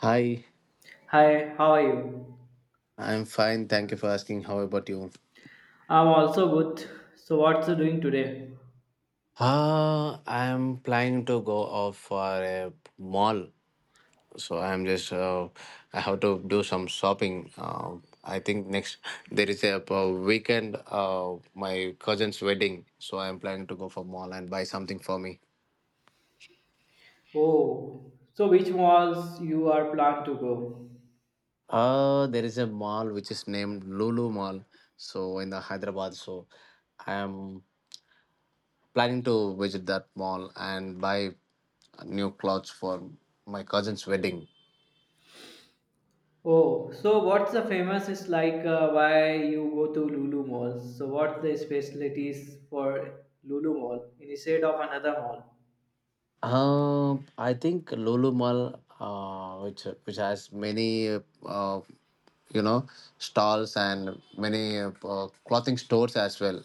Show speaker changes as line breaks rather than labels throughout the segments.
Hi,
Hi, how are you?
I'm fine. Thank you for asking. How about you?
I'm also good. So what's you doing today?
I'm planning to go off for a mall. So I'm just, uh, I have to do some shopping. I think next, there is a weekend, my cousin's wedding. So I'm planning to go for mall and buy something for me.
Oh, so which malls you are planned to go?
There is a mall which is named Lulu Mall, so in the Hyderabad. So I am planning to visit that mall and buy new clothes for my cousin's wedding.
Oh, so what's the famous is like why you go to Lulu malls? So what's the specialties for Lulu mall instead of another mall?
I think Lulu Mall, which has many, you know, stalls and many clothing stores as well.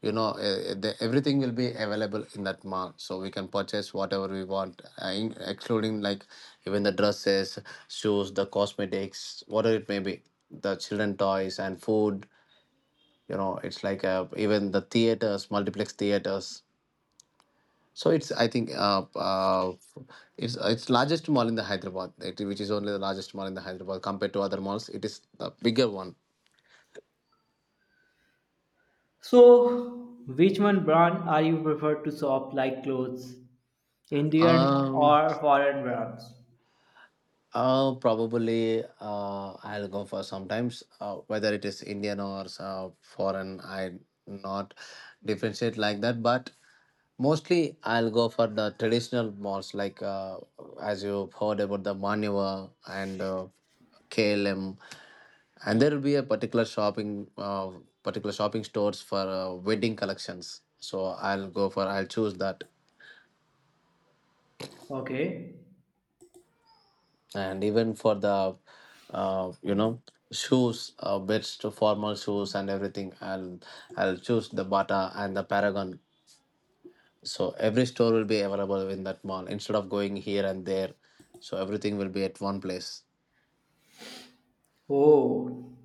Everything will be available in that mall, so we can purchase whatever we want, in- excluding like even the dresses, shoes, the cosmetics, whatever it may be, the children toys and food. You know, it's like Even the theaters, multiplex theaters. So it's I think it's largest mall in the Hyderabad, it, which is only the largest mall in the Hyderabad compared to other malls. It is the bigger one.
So which one brand are you prefer to shop like clothes, Indian
Um,
or foreign brands?
Probably I'll go for sometimes whether it is Indian or foreign. I not differentiate like that, but mostly I'll go for the traditional malls like as you heard about the Manyavar and KLM. And there will be a particular shopping stores for wedding collections, so I'll go for I'll choose that.
Okay.
And even for the uh, you know shoes, bits to formal shoes and everything, I'll choose the Bata and the Paragon. So every store will be available in that mall instead of going here and there, so everything will be at one place.
Oh,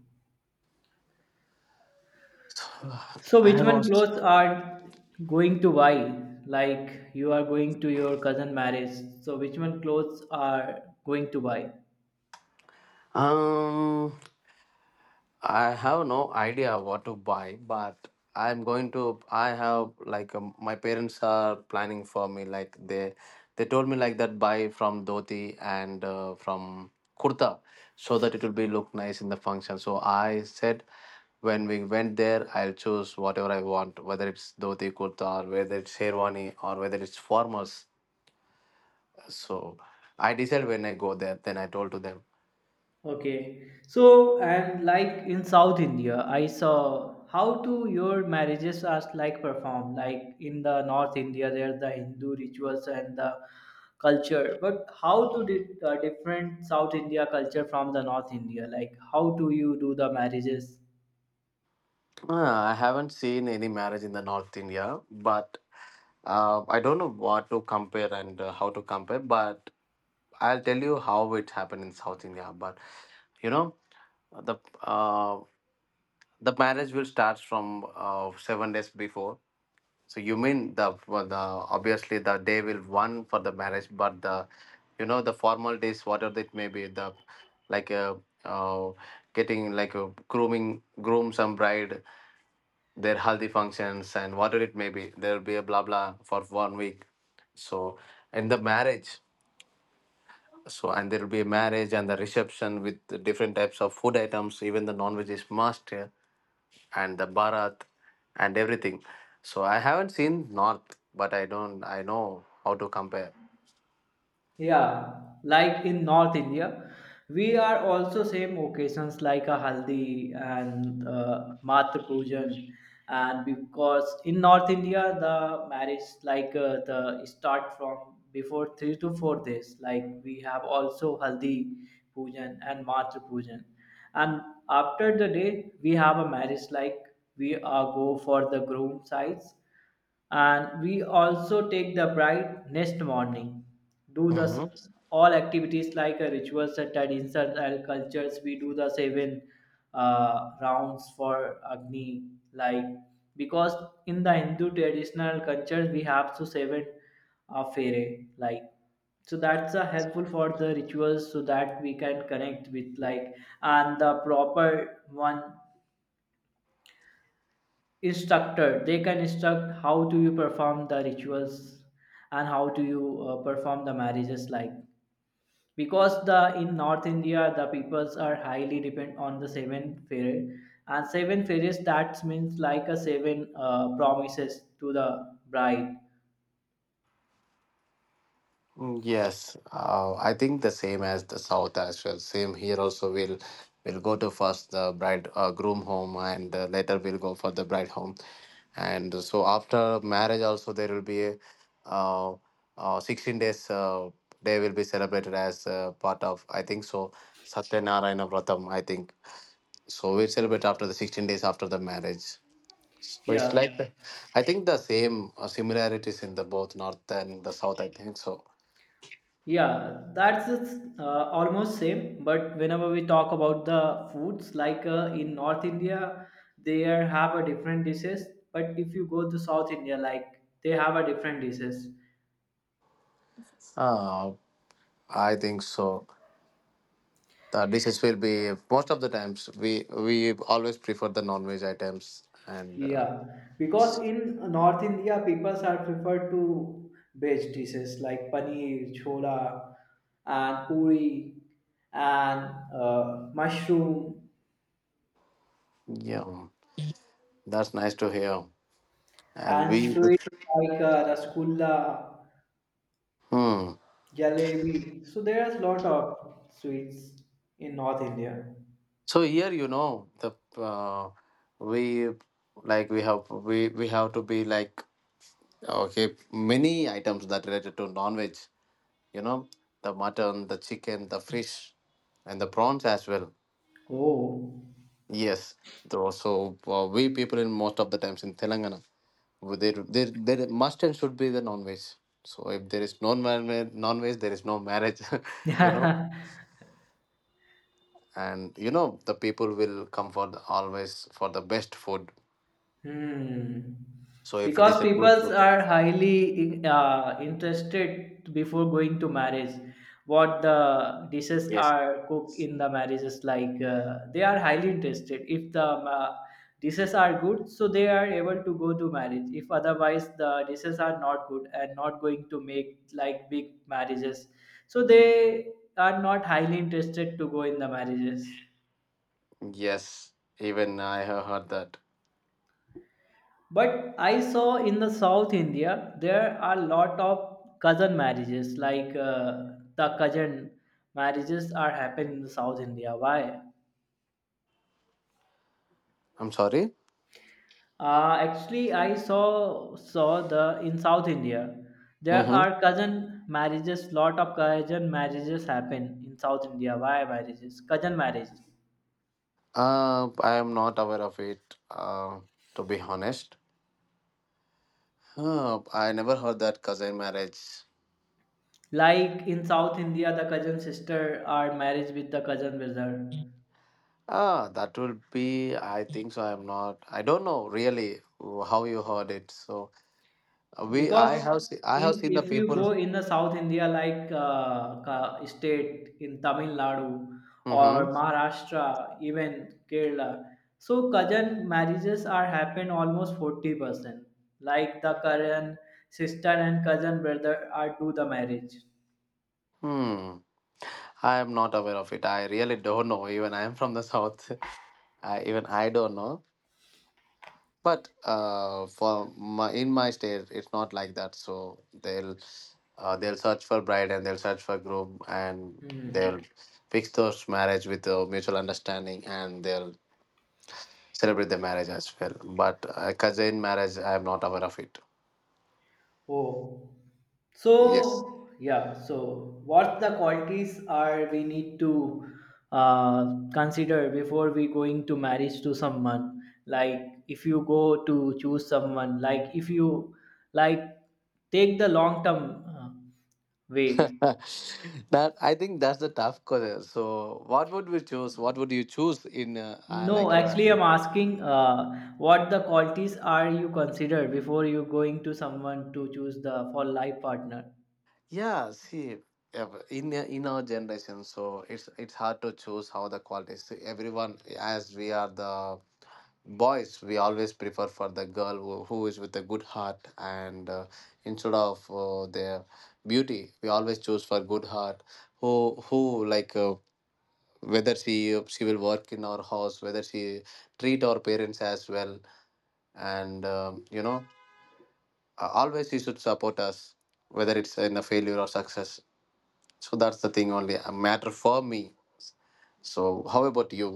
so, which one clothes are going to buy? Like you are going to your cousin marriage. So, which one clothes are going to buy?
Um, I have no idea what to buy, but I'm going to. I have like my parents are planning for me. They told me like that buy from dhoti and from kurta, so that it will be look nice in the function. So I said, when we went there, I'll choose whatever I want, whether it's dhoti kurta or whether it's sherwani or whether it's formals. So I decided when I go there. Then I told to them.
Okay. So, and like in South India, I saw how to your marriages are like performed. Like in the North India, there's the Hindu rituals and the culture. But how to different South India culture from the North India? Like how do you do the marriages?
I haven't seen any marriage in the North India, but I don't know what to compare and how to compare. But I'll tell you how it happened in South India. But you know, the uh, the marriage will start from 7 days before. So you mean the well, the obviously the day will one for the marriage, but the you know the formal days whatever it may be the like a uh, uh, getting like a grooming groom some bride, their healthy functions and whatever it may be, there will be a blah blah for one week. So in the marriage, so, and there will be a marriage and the reception with the different types of food items, even the non-veg is must here, and the barat and everything. So I haven't seen north, but I don't I know how to compare.
Yeah, like in North India, we are also same occasions like a haldi and matra pujan, and because in North India the marriage like the start from before 3 to 4 days. Like we have also haldi pujan and matra pujan, and after the day we have a marriage like we are go for the groom sides, and we also take the bride next morning do the
Mhm.
all activities like rituals and traditions and cultures. We do the seven rounds for agni, like because in the Hindu traditional culture we have to seven fere, like so that's helpful for the rituals so that we can connect with, like, and the proper one instructor they can instruct how do you perform the rituals and how do you perform the marriages, like because the in North India the peoples are highly depend on the seven fairy and seven fairies, that means like a seven promises to the bride.
Yes, I think the same as the South as well. Same here also. We'll go to first the bride groom home, and later we'll go for the bride home. And so after marriage also there will be a uh, 16 days day will be celebrated as part of I think so Satyanarayana Vratam. I think so. We celebrate after the 16 days after the marriage. So it's
Yeah.
like the- I think the same similarities in the both north and the south. I think so.
Yeah, that's uh, almost same. But whenever we talk about the foods, like in North India, they have a different dishes. But if you go to South India, like they have a different dishes.
I think so. The dishes will be most of the times we always prefer the non-veg items, and
Yeah, because in North India, people are prefer to veg dishes like paneer, chola, and puri, and mushroom,
yeah, that's nice to hear. And
and
we,
sweet like rasgulla,
hmm.
jalebi. So there are a lot of sweets in North India.
So here, you know, the we we have to be like okay, many items that related to non-veg. You know, the mutton, the chicken, the fish, and the prawns as well.
Oh.
Yes, though. So we people in most of the times in Telangana. Well, there must and should be the non-veg. So if there is no non-veg, there is no marriage, you know. And you know the people will come for the, always for the best food.
Hmm.
So if it is
Because
a good
people
food,
are highly interested before going to marriage. What the dishes
yes,
are cooked in the marriages, like they are highly interested. If the uh, dishes are good, so they are able to go to marriage. If otherwise the dishes are not good and not going to make like big marriages, so they are not highly interested to go in the marriages.
yes. Even I have heard that.
But I saw in the South India there are lot of cousin marriages, like the cousin marriages are happening in the South India. Why?
I'm sorry.
Actually, I saw the in South India there
Mm-hmm.
are cousin marriages. Lot of cousin marriages happen in South India. Why marriages? Cousin marriages.
I am not aware of it. To be honest, I never heard that cousin marriage.
Like in South India, the cousin sister are married with the cousin brother
Ah, that will be. I think so. I'm not. I don't know really how you heard it. So, we,
because
I have, se- I
in
have seen the
if you
people.
go in the South India like state in Tamil Nadu or
Hmm.
Maharashtra, even Kerala, so cousin marriages are happen almost 40%, like the current sister and cousin brother are do the marriage.
Hmm. I am not aware of it. I really don't know. Even I am from the south. I, even I don't know. But in my state, it's not like that. So they'll search for bride and they'll search for groom and
Hmm.
they'll fix those marriage with a mutual understanding and they'll celebrate the marriage as well. But cousin marriage, I am not aware of it.
Oh,
Yes.
so yeah, so what the qualities are we need to consider before we going to marriage to someone? Like if you go to choose someone, like if you like take the long term way.
That I think that's the tough question. So, what would we choose? What would you choose in
No,
like your
actually,
yeah?
I'm asking what the qualities are you consider before you going to someone to choose the for life partner.
Yeah, see, in our generation, so it's hard to choose how the quality is. Everyone, as we are the boys, we always prefer for the girl who is with a good heart, and instead of their beauty, we always choose for good heart. Who like whether she will work in our house, whether she treat our parents as well, and always she should support us, whether it's in a failure or success. So that's the thing only a matter for me. So how about you?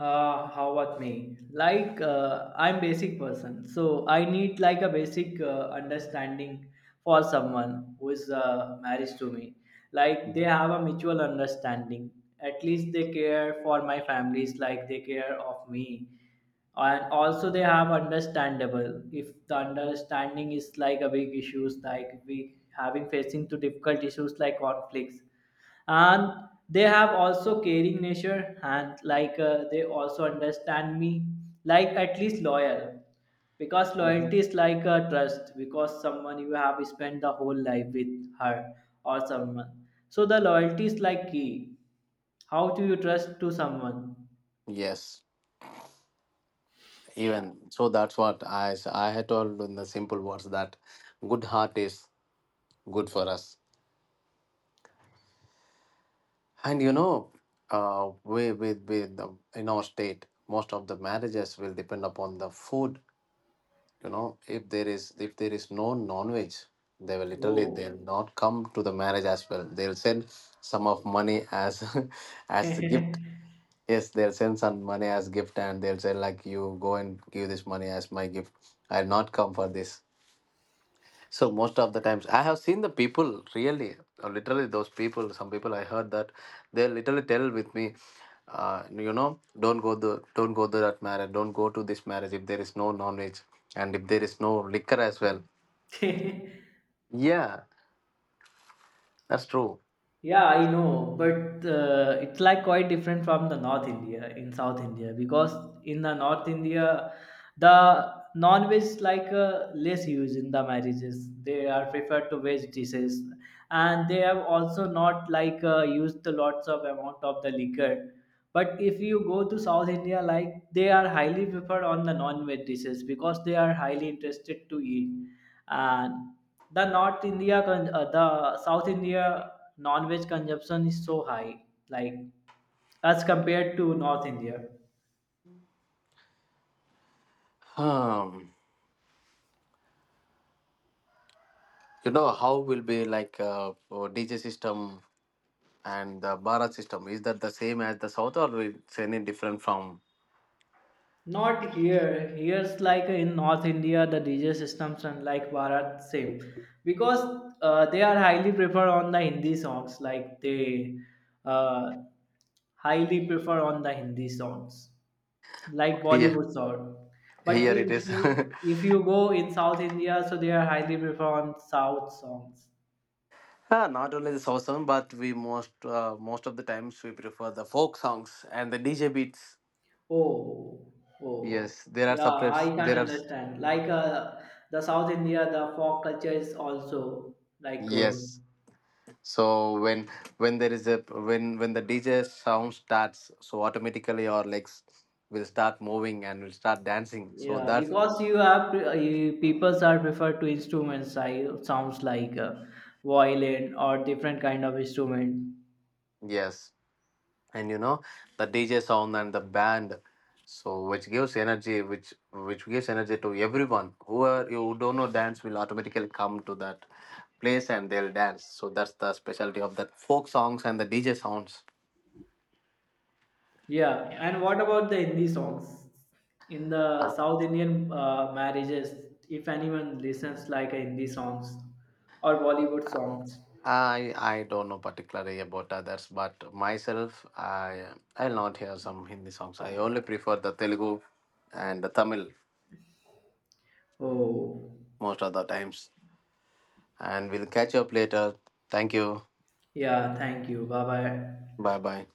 How about me? Like I'm basic person, so I need like a basic understanding for someone who is married to me. Like they have a mutual understanding. At least they care for my families, like they care of me, and also they have understandable. If the understanding is like a big issues, like we having facing to difficult issues like conflicts, and they have also caring nature and like they also understand me, like at least loyal, because
Mm-hmm.
loyalty is like a trust, because someone you have spent the whole life with her or someone, so the loyalty is like key. How do you trust to someone?
Yes,
Uh,
even so that's what I had told in the simple words that good heart is good for us. And you know We in our state most of the marriages will depend upon the food. You know, if there is no non-veg, they will literally
oh.
they'll not come to the marriage as well, they'll send some of money as as the gift. Yes, they'll send some money as gift and they'll say like you go and give this money as my gift, I'll not come for this. So most of the times, I have seen the people really, literally those people. Some people I heard that they literally tell with me, don't go the, don't go to that marriage, don't go to this marriage if there is no knowledge and if there is no liquor as well. Yeah, that's true.
Yeah, I know, but it's like quite different from the North India in South India, because in the North India, the non-veg like less used in the marriages. They are preferred to veg dishes, and they have also not like used the lots of amount of the liquor. But if you go to South India, like they are highly preferred on the non-veg dishes because they are highly interested to eat, and the the South India non-veg consumption is so high, like as compared to North India.
Um, you know how will be like for DJ system and the Bharat system? Is that the same as the South or it's any different from
Not here, here's like in North India the DJ systems and like bharat same, because they are highly prefer on the Hindi songs, like they uh, highly prefer on the Hindi songs, like
here?
Bollywood song. But
Here it is.
if you go in South India, so they are highly prefer on South songs.
Ah, not only the soul song, but we most of the times we prefer the folk songs and the DJ beats.
Oh, oh,
Yes, there are
yeah, I
subtypes.
can
There are
understand. Like the South India, the folk culture is also like good.
yes. So when there is a when the DJ sound starts, so automatically our legs will start moving and will start dancing. So
Yeah,
that
because you have you, peoples are preferred to instruments. I sounds like violin or different kind of instrument.
yes. And you know the DJ sound and the band, so which gives energy, which gives energy to everyone. Whoever you don't know dance will automatically come to that place and they'll dance. So that's the specialty of that folk songs and the DJ sounds.
Yeah, and what about the Hindi songs? In the
Uh,
South Indian marriages, if anyone listens like a Hindi songs or Bollywood songs.
I don't know particularly about others, but myself I I'll not hear some Hindi songs. I only prefer the Telugu and the Tamil
Oh,
most of the times. And we'll catch up later. Thank you.
yeah, thank you. Bye bye.
Bye bye.